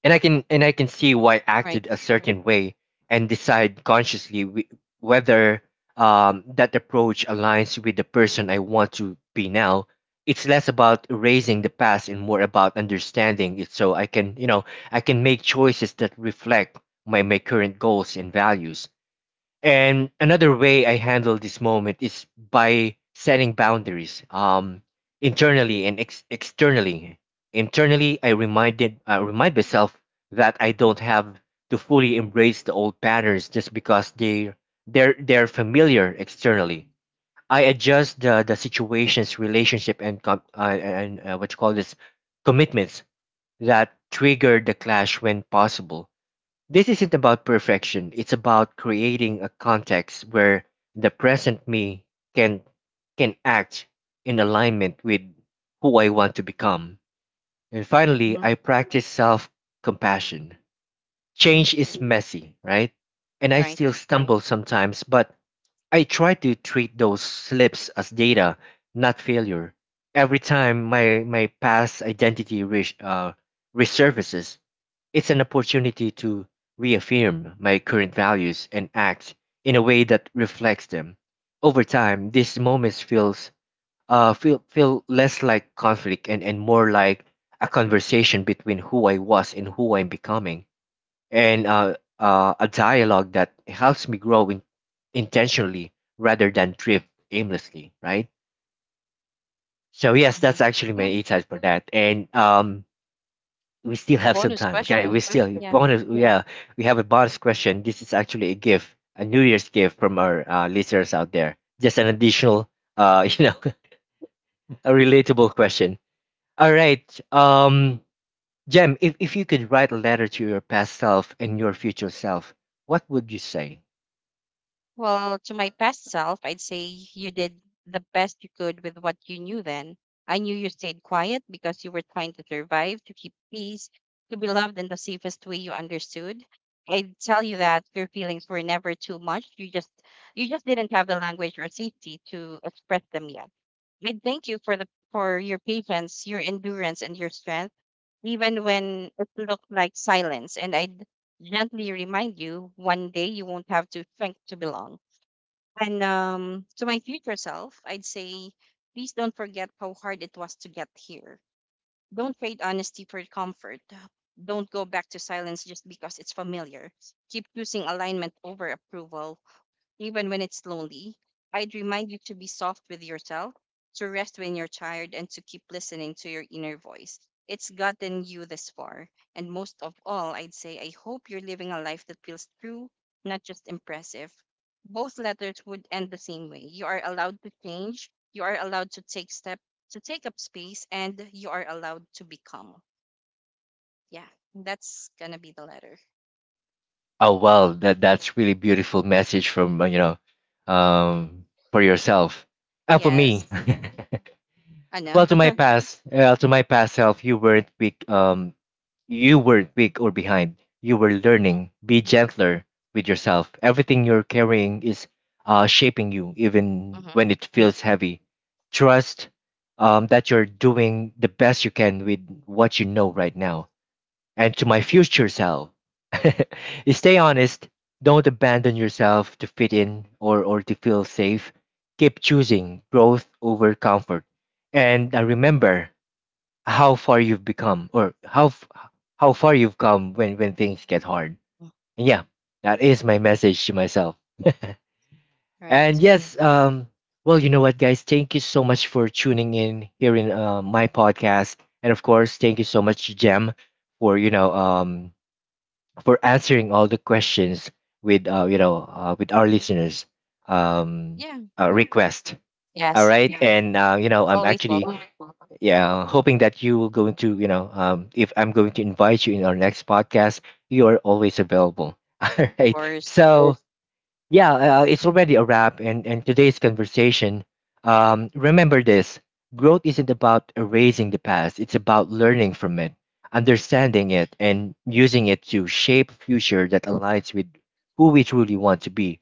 and I can see why I acted
Right.
a certain way and decide consciously whether that approach aligns with the person I want to be now. It's less about erasing the past and more about understanding it, so I can make choices that reflect my, my current goals and values. And another way I handle this moment is by setting boundaries, internally and externally. Internally, I remind myself that I don't have to fully embrace the old patterns just because they're familiar. Externally, I adjust the situations, relationship, and com- and what you call this commitments that trigger the clash when possible. This isn't about perfection, it's about creating a context where the present me can can act in alignment with who I want to become. And finally,
Mhm,
I practice self-compassion.
mhm,
Change is messy, right? And I still
right,
stumble sometimes, but I try to treat those slips as data, not failure. Every time my my past identity resurfaces, it's an opportunity to reaffirm my current values and act in a way that reflects them. Over time, these moments feel less like conflict and more like a conversation between who I was and who I'm becoming, and a dialogue that helps me grow intentionally rather than drift aimlessly, right? So yes, that's
mhm.
actually my
Yeah,
insights for that. And we still
a
have some
bonus
time. Okay, we
question.
still
Yeah.
bonus. Yeah, we have a bonus question. This is actually a gift, a New Year's gift from our listeners out there. Just an additional, you know, a relatable question. All right, Jem, if you could write a letter to your past self and your future self, what would you say?
Well, to my past self, I'd say you did the best you could with what you knew then. I knew you stayed quiet because you were trying to survive, to keep peace, to be loved in the safest way you understood. I'd tell you that your feelings were never too much. You just didn't have the language or safety to express them yet. I thank you for the for your patience, your endurance, and your strength, even when it looked like silence. And I'd gently remind you one day you won't have to think to belong. And To my future self, I'd say, please don't forget how hard it was to get here. Don't trade honesty for comfort. Don't go back to silence just because it's familiar. Keep choosing alignment over approval, even when it's lonely. I'd remind you to be soft with yourself, to rest when you're tired, and to keep listening to your inner voice. It's gotten you this far. And most of all, I'd say, I hope you're living a life that feels true, not just impressive. Both letters would end the same way. You are allowed to change, you are allowed to take step to take up space, and you are allowed to become. Yeah, that's gonna be the letter.
Oh well, that that's really beautiful message from um, for yourself and for
Yes.
me.
I know.
Well, to my past, uh, to my past self, you weren't weak. You weren't weak or behind. You were
Mhm,
learning. Be gentler with yourself. Everything you're carrying is shaping you, even
mhm,
when it feels heavy. Trust that you're doing the best you can with what you know right now. And to my future self. Stay honest. Don't abandon yourself to fit in or to feel safe. Keep choosing growth over comfort. And remember how far you've become or how f- how far you've come when things get hard.
mhm.
And yeah, that is my message to myself.
Right.
And yes, well, you know what, guys? Thank you so much for tuning in here in my podcast. And of course, thank you so much, Jem, for, you know, for answering all the questions with with our listeners um
Yeah.
request. All
Yes.
right, and you know, I'm
Always
actually
welcome,
yeah, hoping that you will going to you know if I'm going to invite you in our next podcast, you are always available. All
of
right,
course.
so yeah, it's already a wrap and today's conversation. Remember this, growth isn't about erasing the past, it's about learning from it, understanding it, and using it to shape a future that aligns with who we truly want to be.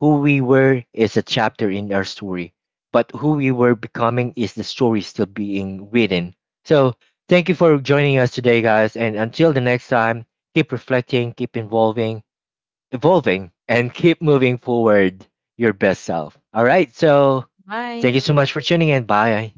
Who we were is a chapter in our story, but who we were becoming is the story still being written. So, thank you for joining us today, guys, and until the next time, keep reflecting, keep involving evolving, and keep moving forward your best self. All right. So thank you
Bye.
so much for tuning in. Bye.